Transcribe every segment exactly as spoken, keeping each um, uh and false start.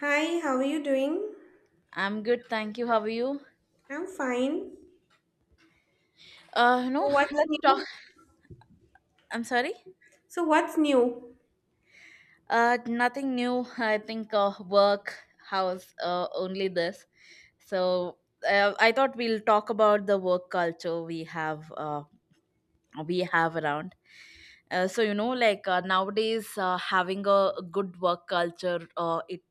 Hi, how are you doing? I'm good, thank you. How are you? I'm fine. Uh, So no, what's let's talk. new? I'm sorry. So what's new? Uh, nothing new. I think uh, work, house, uh, only this. So uh, I thought we'll talk about the work culture we have. Uh, we have around. Uh, so you know, like uh, nowadays, uh, having a good work culture, uh, it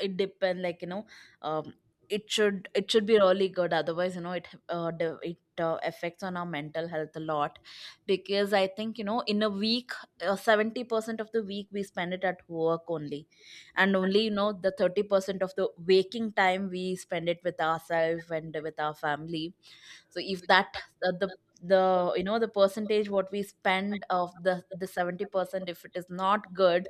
it depends, like, you know um it should it should be really good. Otherwise, you know it uh, de- it uh, affects on our mental health a lot, because I think, you know in a week, uh, seventy percent of the week we spend it at work only, and only you know the thirty percent of the waking time we spend it with ourselves and with our family. So if that, uh, the the you know the percentage what we spend of the the seventy percent, if it is not good,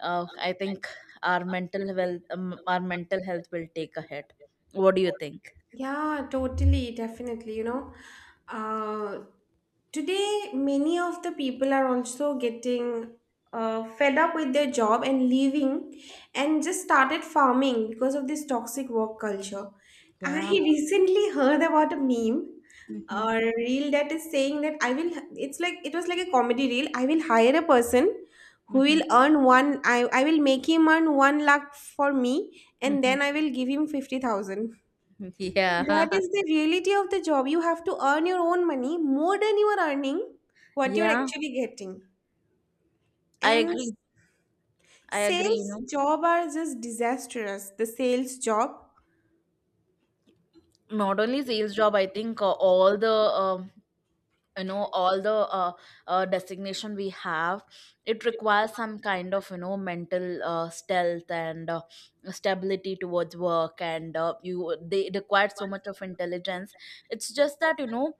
uh, I think our mental health, um, our mental health will take a hit. What do you think? Yeah, totally, definitely, you know. Uh Today, many of the people are also getting uh, fed up with their job and leaving and just started farming because of this toxic work culture. I Yeah. recently heard about a meme Mm-hmm. or reel that is saying that I will, it's like, it was like a comedy reel. I will hire a person who Mm-hmm. will earn one, I, I will make him earn one lakh for me and Mm-hmm. then I will give him fifty thousand. That Yeah. is the reality of the job. You have to earn your own money more than you are earning what you're Yeah. actually getting. I And agree. I agree. You sales know, job are just disastrous. The sales job. not only sales job. I think uh, all the um you know all the uh, uh, designation we have. It requires some kind of, you know mental uh, stealth and uh, stability towards work, and uh, you they require so much of intelligence. It's just that, you know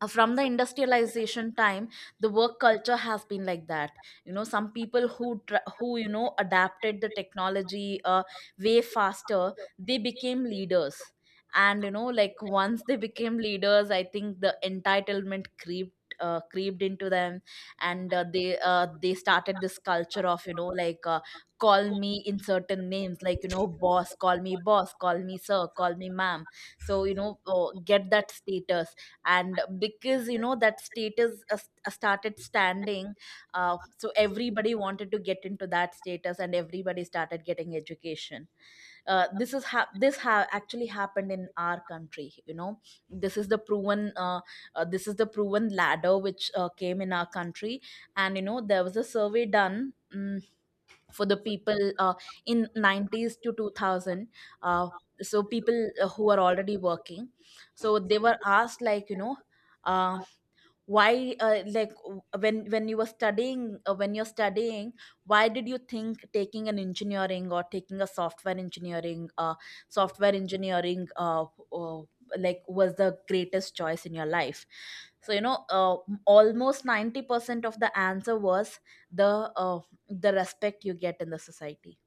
uh, from the industrialization time the work culture has been like that. you know some people who tr- who you know adapted the technology uh, way faster, they became leaders. And, you know like, once they became leaders, I think the entitlement creeped, uh, creeped into them. And uh, they uh, they started this culture of, you know like, uh, call me in certain names, like, you know boss, call me boss, call me sir, call me ma'am. So, you know uh, get that status. And because, you know that status, uh, st- uh, started standing, uh, so everybody wanted to get into that status and everybody started getting education. Uh, this is ha- this ha- actually happened in our country, you know this is the proven, uh, uh, this is the proven ladder which uh, came in our country. And, you know there was a survey done, mm for the people, uh, in nineties to two thousand. uh, so people, uh, who are already working, so they were asked like, you know uh, why, uh, like, when when you were studying, uh, when you're studying, why did you think taking an engineering or taking a software engineering, uh, software engineering uh, uh, like, was the greatest choice in your life. So, you know uh, almost ninety percent of the answer was the uh, the respect you get in the society.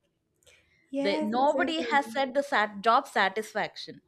the, Yes, Nobody has exactly. said the sat- job satisfaction.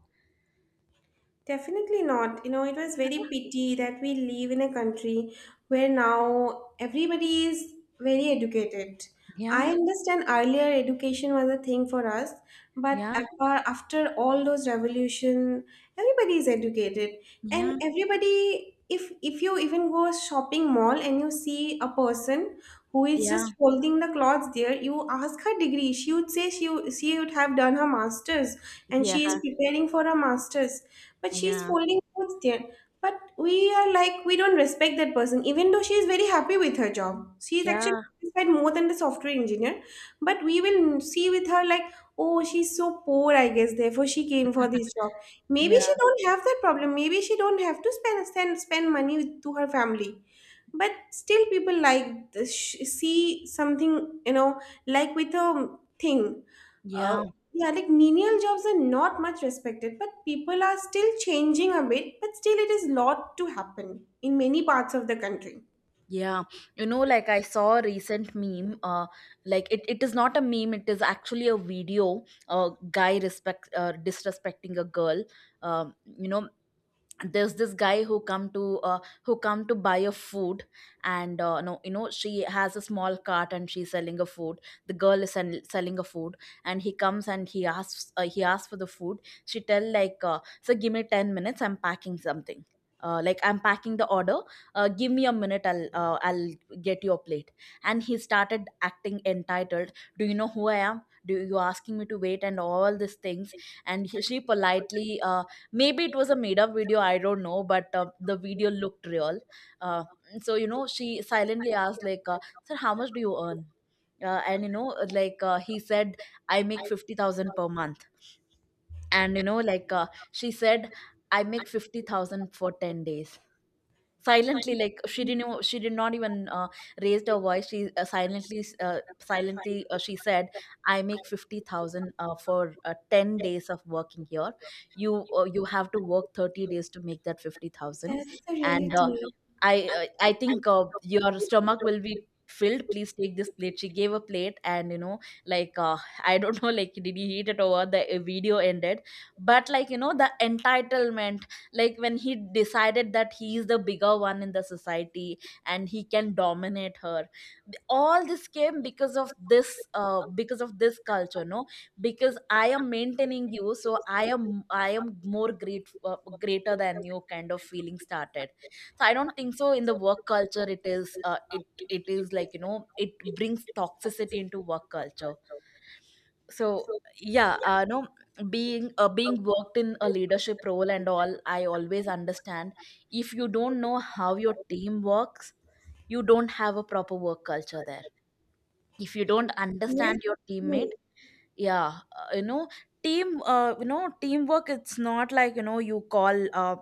Definitely not. You know, it was very pity that we live in a country where now everybody is very educated. I Yeah. understand earlier education was a thing for us, but Yeah. after, after all those revolution, everybody is educated, and Yeah. everybody. If if you even go shopping mall and you see a person who is Yeah. just folding the clothes there, you ask her degree. She would say she would- she would have done her masters and she is Yeah. preparing for her masters but she's Yeah. folding clothes there but we are like we don't respect that person even though she is very happy with her job. She is actually Yeah. satisfied more than the software engineer but we will see with her like, oh, she's so poor, I guess therefore she came for this job. Maybe Yeah, she don't have that problem, maybe she don't have to spend spend, spend money with, to her family but still people like this, see something, you know, like with a thing. uh, yeah, yeah, like menial jobs are not much respected, but people are still changing a bit, but still it is lot to happen in many parts of the country. yeah. You know, like, I saw a recent meme, uh, like, it, it is not a meme, it is actually a video. A guy respect uh, disrespecting a girl. Um, you know, there's this guy who come to uh, who come to buy a food. And uh, no you know she has a small cart and she's selling a food. The girl is sell- selling a food, and he comes and he asks, uh, he asks for the food. She tell like, uh, so give me 10 minutes, I'm packing something, uh, like, I'm packing the order. Uh, give me a minute, I'll, uh, i'll get your plate. And he started acting entitled. Do you know who I am? Do you asking me to wait? And all these things. And he, she politely, uh, maybe it was a made up video, I don't know, but uh, the video looked real. uh, so you know she silently asked, like, uh, sir, how much do you earn? Uh, and you know, like, uh, he said, I make fifty thousand per month. And, you know like, uh, she said, I make fifty thousand for 10 days. Silently, like, she didn't, even- she did not even, uh, raised her voice. She, uh, silently, uh, silently, uh, she said, "I make fifty thousand, uh, for, uh, ten days of working here. You, uh, you have to work thirty days to make that fifty thousand, That's the and uh, reality. I I I think, uh, your stomach will be filled. Please take this plate." She gave a plate, and, you know, like, uh, I don't know, like, did he eat it over? The uh, video ended. But like, you know, the entitlement, like when he decided that he is the bigger one in the society and he can dominate her. All this came because of this, uh, because of this culture, no? Because I am maintaining you, so I am I am more great, uh, greater than you. Kind of feeling started. So I don't think so, in the work culture it is uh, it it is like, you know it brings toxicity into work culture, so. Yeah. Uh, no, being uh, being worked in a leadership role and all, I always understand, if you don't know how your team works, you don't have a proper work culture there, if you don't understand your Yeah. teammate. Yeah. Uh, you know team uh, you know teamwork, it's not like, you know you call uh,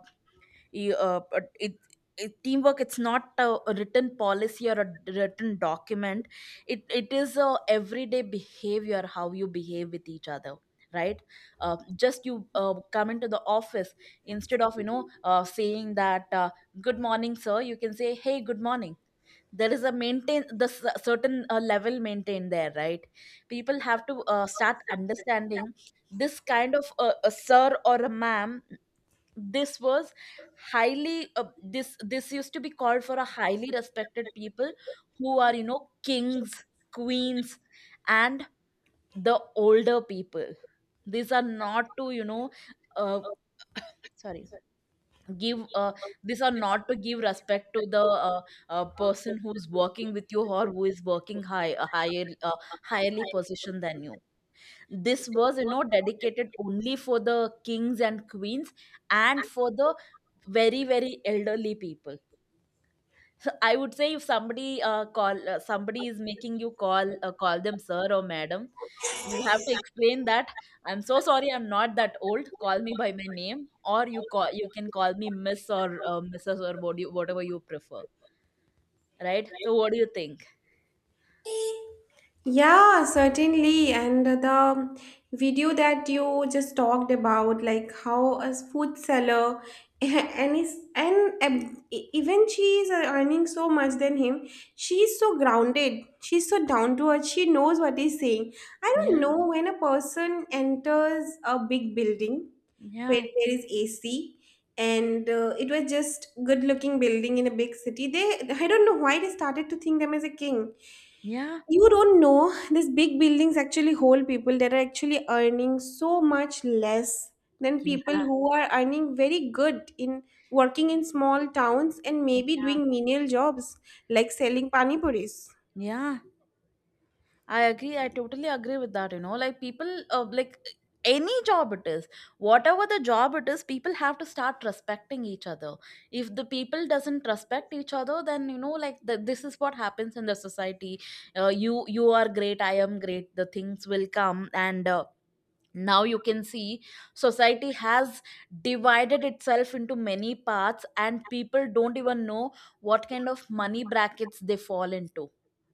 you, uh, but it, it teamwork, it's not a, a written policy or a d- written document. It it is a everyday behavior, how you behave with each other, right? Uh, just you, uh, come into the office, instead of, you know uh, saying that, uh, good morning sir, you can say hey, good morning. There is a maintain the s- certain, uh, level maintained there, right? People have to, uh, start understanding this kind of, uh, a sir or a ma'am. This was highly, uh, this this used to be called for a highly respected people, who are, you know kings, queens, and the older people. These are not to, you know uh, sorry, give uh, these are not to give respect to the, uh, uh, person who's working with you, or who is working high a higher, uh, highly position than you. This was, you know dedicated only for the kings and queens, and for the very very elderly people. So I would say, if somebody, uh, call uh, somebody is making you call, uh, call them sir or madam, you have to explain that. I'm so sorry, I'm not that old, call me by my name, or you call you can call me miss, or, uh, mrs, or what you, whatever you prefer. Right? So what do you think? Yeah, certainly. And the video that you just talked about, like how a food seller and is and um, e- even she is uh, earning so much than him. She's so grounded. She's so down to earth. She knows what he's saying. I don't Yeah. know when a person enters a big building where Yeah. there is A C. And uh, it was just good-looking building in a big city. They, I don't know why they started to think them as a king. Yeah. You don't know, these big buildings actually hold people that are actually earning so much less than people Yeah. who are earning very good in working in small towns and maybe Yeah. doing menial jobs like selling pani puris. Yeah. I agree. I totally agree with that. You know, like, people, uh, like, any job it is, whatever the job it is, people have to start respecting each other. If the people doesn't respect each other, then, you know, like, the, this is what happens in the society. Uh, you you are great. I am great. The things will come and. Uh, now you can see society has divided itself into many parts, and people don't even know what kind of money brackets they fall into,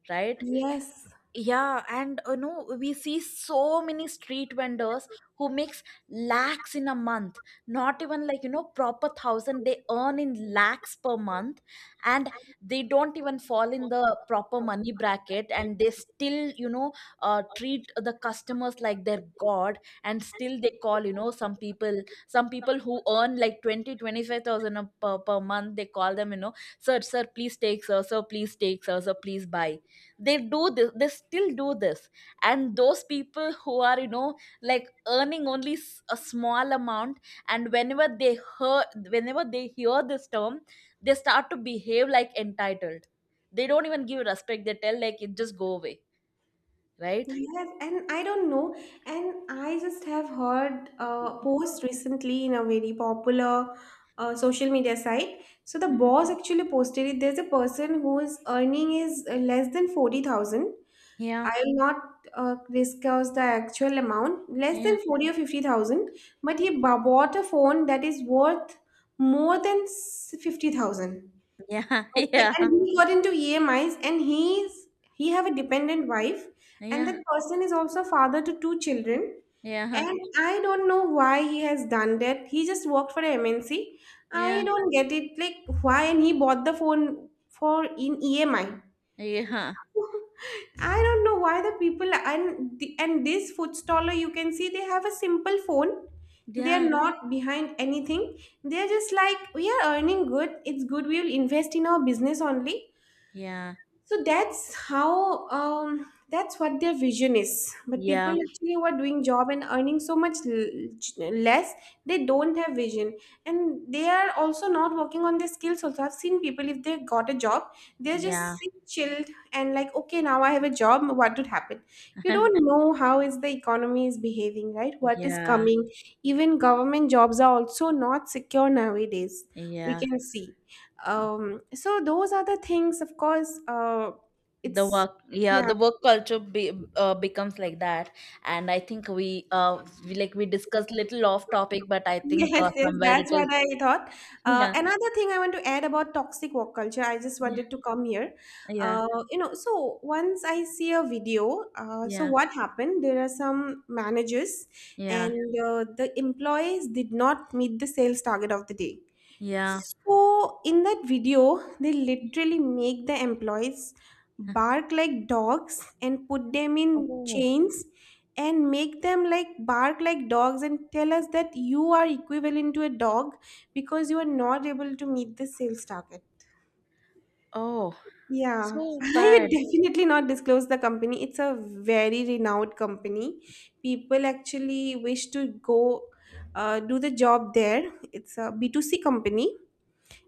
right? Yes. Yeah, and, you know we see so many street vendors who makes lakhs in a month. Not even like, you know proper thousand, they earn in lakhs per month. And they don't even fall in the proper money bracket, and they still, you know uh, treat the customers like their god. And still they call, you know some people, some people who earn like twenty, twenty-five thousand, a- per, per month, they call them, you know sir, sir, please take, sir, sir, please take, sir, sir, please buy. They do this, they still do this. And those people who are, you know like, earning only, s- a small amount, and whenever they hear, whenever they hear this term, they start to behave like entitled. They don't even give respect, they tell like, it just go away, right? Yes, and I don't know, and I just have heard a post recently in a very popular uh, social media site. So the Hmm. boss actually posted it. There's a person whose earning is uh, less than forty thousand. Yeah. I'll not uh, discuss the actual amount, less Yeah. than forty or fifty thousand, but he b- bought a phone that is worth more than s- fifty thousand. Yeah. Okay, Yeah. and he got into E M Is and he's he have a dependent wife and Yeah. that person is also a father to two children. Yeah. Yeah. And I don't know why he has done that. He just worked for a M N C. Yeah. I don't get it. Like why and he bought the phone for in E M I. I don't know why the people and the, and this food staller you can see they have a simple phone. They are Yeah. not behind anything. They are just like we are earning good. It's good. We will invest in our business only. Yeah. So that's how um, that's what their vision is but people Yeah. actually who are doing job and earning so much l- less, they don't have vision and they are also not working on their skills. Also I've seen people if they got a job they're Yeah. just sit chilled and like okay now I have a job what would happen. You don't know how is the economy is behaving, right, what is Yeah. coming. Even government jobs are also not secure nowadays we can see. Yeah. Um so those are the things of course uh The it's work, yeah, yeah. the work culture, be, uh, becomes like that. And I think we uh we, like, we discussed little off topic, but I think, Yes, uh, yes, somewhere it that's is. what I thought. Uh, Yeah. another thing I want to add about toxic work culture, I just Yeah. wanted to come here. Yeah. Uh, you know, so once I see a video, uh, so Yeah. what happened, there are some managers Yeah. and uh, the employees did not meet the sales target of the day. So in that video, they literally make the employees Yeah. bark like dogs and put them in Oh. chains and make them like bark like dogs and tell us that you are equivalent to a dog because you are not able to meet the sales target. Oh, Yeah, so I had bad. definitely not disclose the company. It's a very renowned company. People actually wish to go uh, do the job there. It's a B two C company,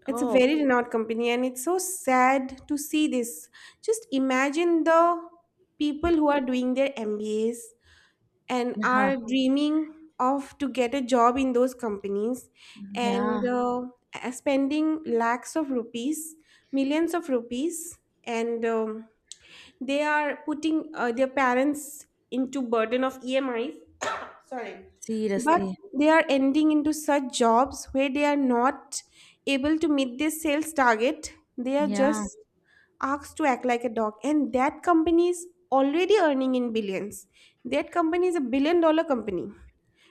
it's a Oh. very renowned company, and it's so sad to see this. Just imagine the people who are doing their M B As and Uh-huh. are dreaming of to get a job in those companies Yeah. and uh, uh, spending lakhs of rupees, millions of rupees, and um, they are putting uh, their parents into burden of E M Is, sorry, but Seriously. they are ending into such jobs where they are not able to meet their sales target, they are just Yeah. asked to act like a dog and that company is already earning in billions. That company is a billion dollar company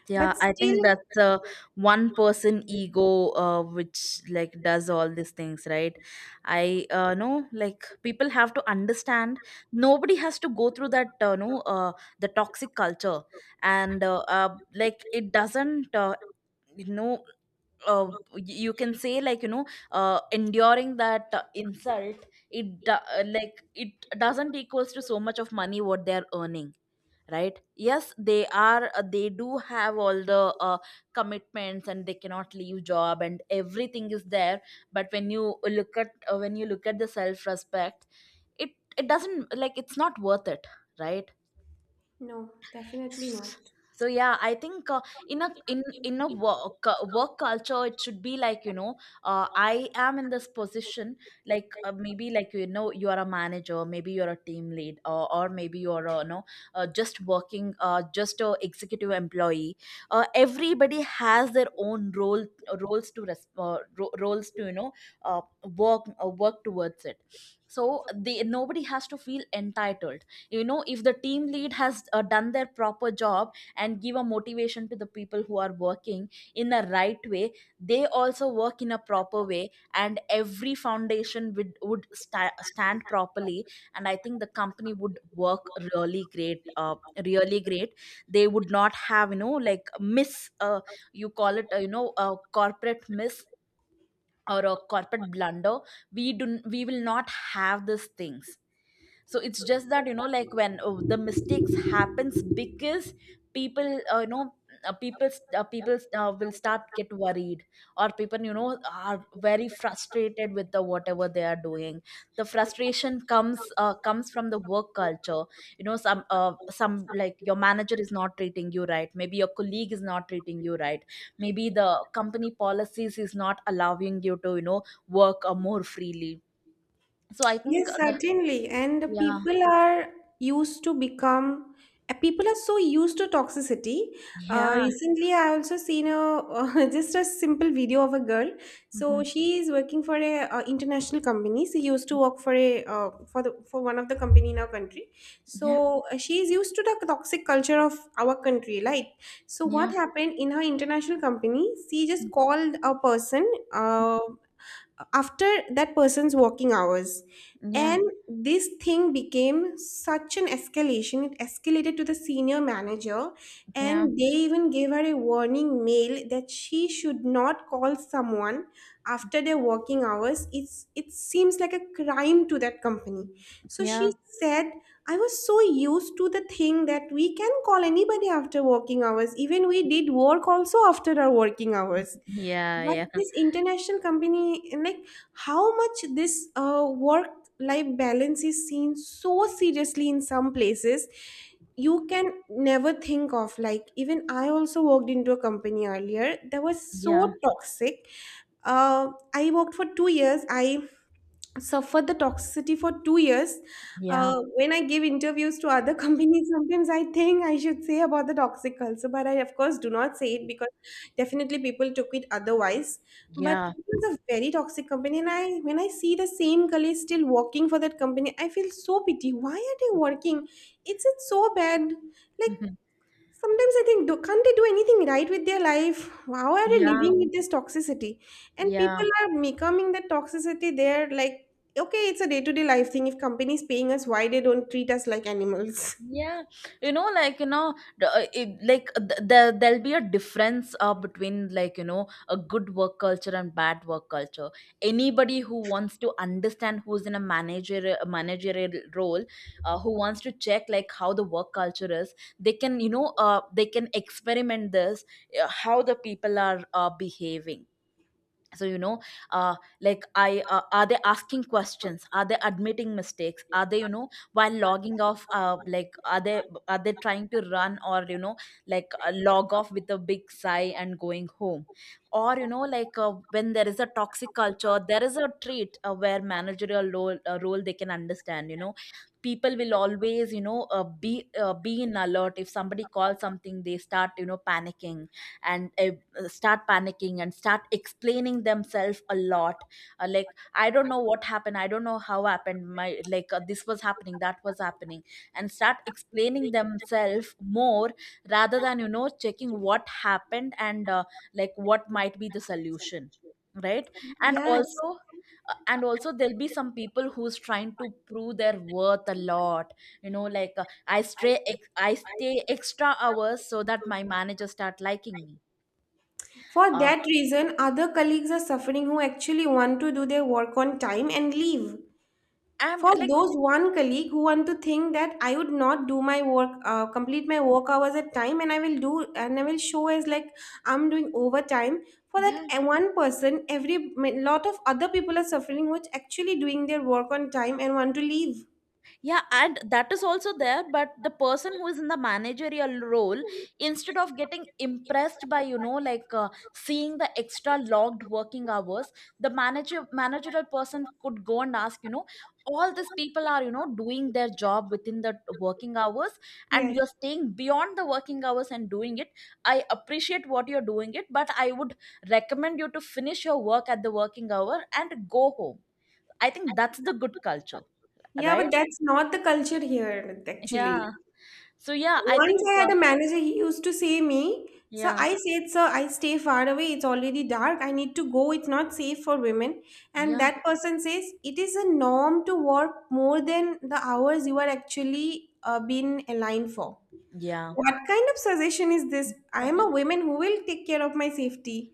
Yeah, but I think still. that's a one person ego, uh, which like does all these things, right? I uh, know like people have to understand nobody has to go through that uh, no uh, The toxic culture. And uh, uh, like it doesn't uh, you know uh, y- you can say like you know uh, enduring that uh, insult, it do- uh, like it doesn't equals to so much of money what they're earning, right? Yes, they are, uh, they do have all the uh, commitments and they cannot leave job and everything is there, but when you look at uh, when you look at the self respect, it it doesn't, like it's not worth it, right? No, definitely not. So yeah, I think uh, in a in in a work uh, work culture it should be like you know, uh, I am in this position, like uh, maybe like you know, you are a manager, maybe you're a team lead, or, or maybe you're uh, you know, uh, just working, uh, just a executive employee. Uh, everybody has their own role, roles to res- uh, ro- roles to you know, uh, work uh, work towards it. So they, nobody has to feel entitled. You know, if the team lead has uh, done their proper job and give a motivation to the people who are working in a right way, they also work in a proper way and every foundation would would sta- stand properly, and I think the company would work really great, uh, really great. They would not have you know, like, miss, uh, you call it uh, you know, a corporate miss or a corporate blunder. We do, we will not have these things. So it's just that you know, like, when uh, the mistakes happens, because people uh, you know uh, people uh, people uh, will start get worried, or people, you know, are very frustrated with the whatever they are doing. The frustration comes uh, comes from the work culture. You know, some uh, some, like, your manager is not treating you right, maybe your colleague is not treating you right, maybe the company policies is not allowing you to you know, work uh, more freely. So I think Yes, the, certainly. And yeah, people are used to become, uh, people are so used to toxicity. Uh, yeah. recently, I also seen a just a simple video of a girl. So Mhm. she is working for a uh, international company. She used to work for a uh, for the for one of the company in our country. Yeah, So uh, she is used to the toxic culture of our country, right? So yeah, what happened in her international company? She just mm, called a person. Uh, after that person's working hours yeah, and this thing became such an escalation, it escalated to the senior manager yeah, and they even gave her a warning mail that she should not call someone after their working hours. It's it seems like a crime to that company. So she yeah, said I was so used to the thing that we can call anybody after working hours, even we did work also after our working hours. yeah, But yeah, yeah, this international company, like how much this uh, work-life balance is seen so seriously in some places, you can never think of. Like even I also worked into a company earlier that was yeah, so toxic. Uh, I worked for two years. I suffered the toxicity for two years. yeah, Uh, when I give interviews to other companies, sometimes I think I should say about the toxic culture, but I, of course, do not say it because definitely people took it otherwise. But yeah, it was a very toxic company, and I, when I see the same colleagues still working for that company, I feel so pity. Why are they working? It's it's so bad. Like mhm, sometimes I think, do, can't they do anything right with their life? How are they yeah, living with this toxicity? And yeah. people are becoming that toxicity. They're like, okay, it's a day to day life thing. If companies paying us, why they don't treat us like animals? Yeah, you know, like, you know the- uh, it, like uh, th- there there'll be a difference uh, between like you know, a good work culture and bad work culture. Anybody who wants to understand, who's in a manager a managerial role, uh, who wants to check like how the work culture is, they can you know, uh, they can experiment this, uh, how the people are uh, behaving. So you know, uh, like I uh, are they asking questions, are they admitting mistakes, are they you know, while logging off, uh, like are they, are they trying to run, or you know, like, uh, log off with a big sigh and going home. Or you know, like, uh, when there is a toxic culture, there is a trait uh, where managerial role, uh, role they can understand, you know, people will always you know, uh, be uh, be in alert, if somebody calls something they start you know, panicking, and uh, start panicking and start explaining themselves a lot, uh, like I don't know what happened, I don't know how happened, my like uh, this was happening, that was happening, and start explaining themselves more, rather than you know, checking what happened and uh, like what might be the solution, right? And Yes. also, uh, and also there'll be some people who's trying to prove their worth a lot. You know, like, uh, i stay ex- I stay extra hours so that my manager start liking me. For Uh, that reason, other colleagues are suffering who actually want to do their work on time and leave. I'm For like, those one colleague who want to think that I would not do my work, uh, complete my work hours at time, and I will do, and I will show as like I'm doing overtime. For that yeah, uh, one person, every ma- lot of other people are suffering, which actually doing their work on time and want to leave. yeah, and that is also there, but the person who is in the managerial role, instead of getting impressed by you know, like, uh, seeing the extra logged working hours, the manager managerial person could go and ask, you know, all these people are you know, doing their job within the working hours, and Yes. you're staying beyond the working hours and doing it. I appreciate what you're doing it, but I would recommend you to finish your work at the working hour and go home. I think that's the good culture, Yeah, but right? that's not the culture here, actually. Yeah. So yeah, I Once think I uh, had a manager, he used to say me, sir, yeah, I said, sir, I stay far away. It's already dark. I need to go. It's not safe for women. And yeah, that person says, it is a norm to work more than the hours you are actually uh, been aligned for. yeah, What kind of suggestion is this? I am a woman who will take care of my safety.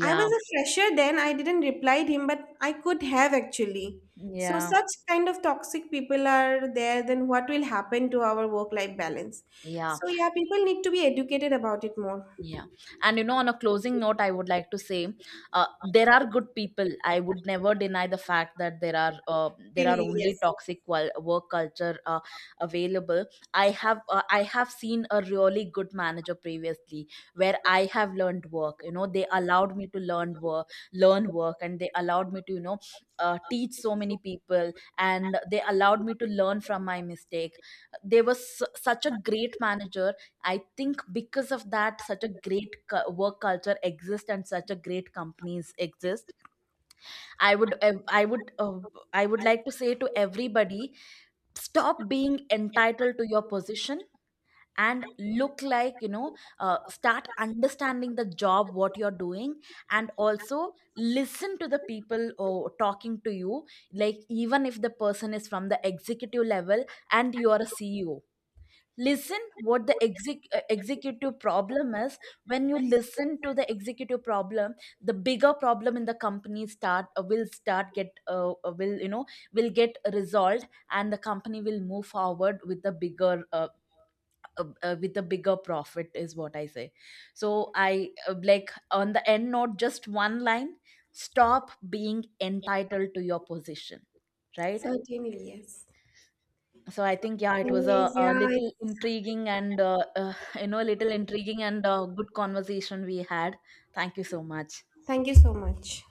I was a fresher then, I didn't reply him, but I could have actually. So, yeah, such kind of toxic people are there, then what will happen to our work life balance? yeah. So, yeah, people need to be educated about it more. Yeah. And you know, on a closing note, I would like to say, uh, there are good people. I would never deny the fact that there are uh, there are Certainly, yes. only Yes. toxic wal- work culture uh, available. I have uh, I have seen a really good manager previously, where I have learned work. You know, they allowed me to learn work, learn work, and they allowed me to you know, uh, teach so many people, and they allowed me to learn from my mistake. They was su- such a great manager. I think because of that, such a great cu- work culture exists and such a great companies exist. I would, ev- I would, uh, I would like to say to everybody: stop being entitled to your position, and look, like you know. Uh, start understanding the job, what you're doing, and also listen to the people uh, talking to you. Like even if the person is from the executive level and you are a C E O, listen what the exec- uh, executive problem is. When you listen to the executive problem, the bigger problem in the company start uh, will start get uh, uh, will you know, will get resolved, and the company will move forward with the bigger uh, uh, uh, with the bigger profit, is what I say. So I, uh, like on the end note, just one line: stop being entitled to your position, right? Certainly, yes. So I think yeah, it was a, Anyways, a yeah, little it's- intriguing and uh, uh, you know, little intriguing and uh, good conversation we had. Thank you so much. thank you so much.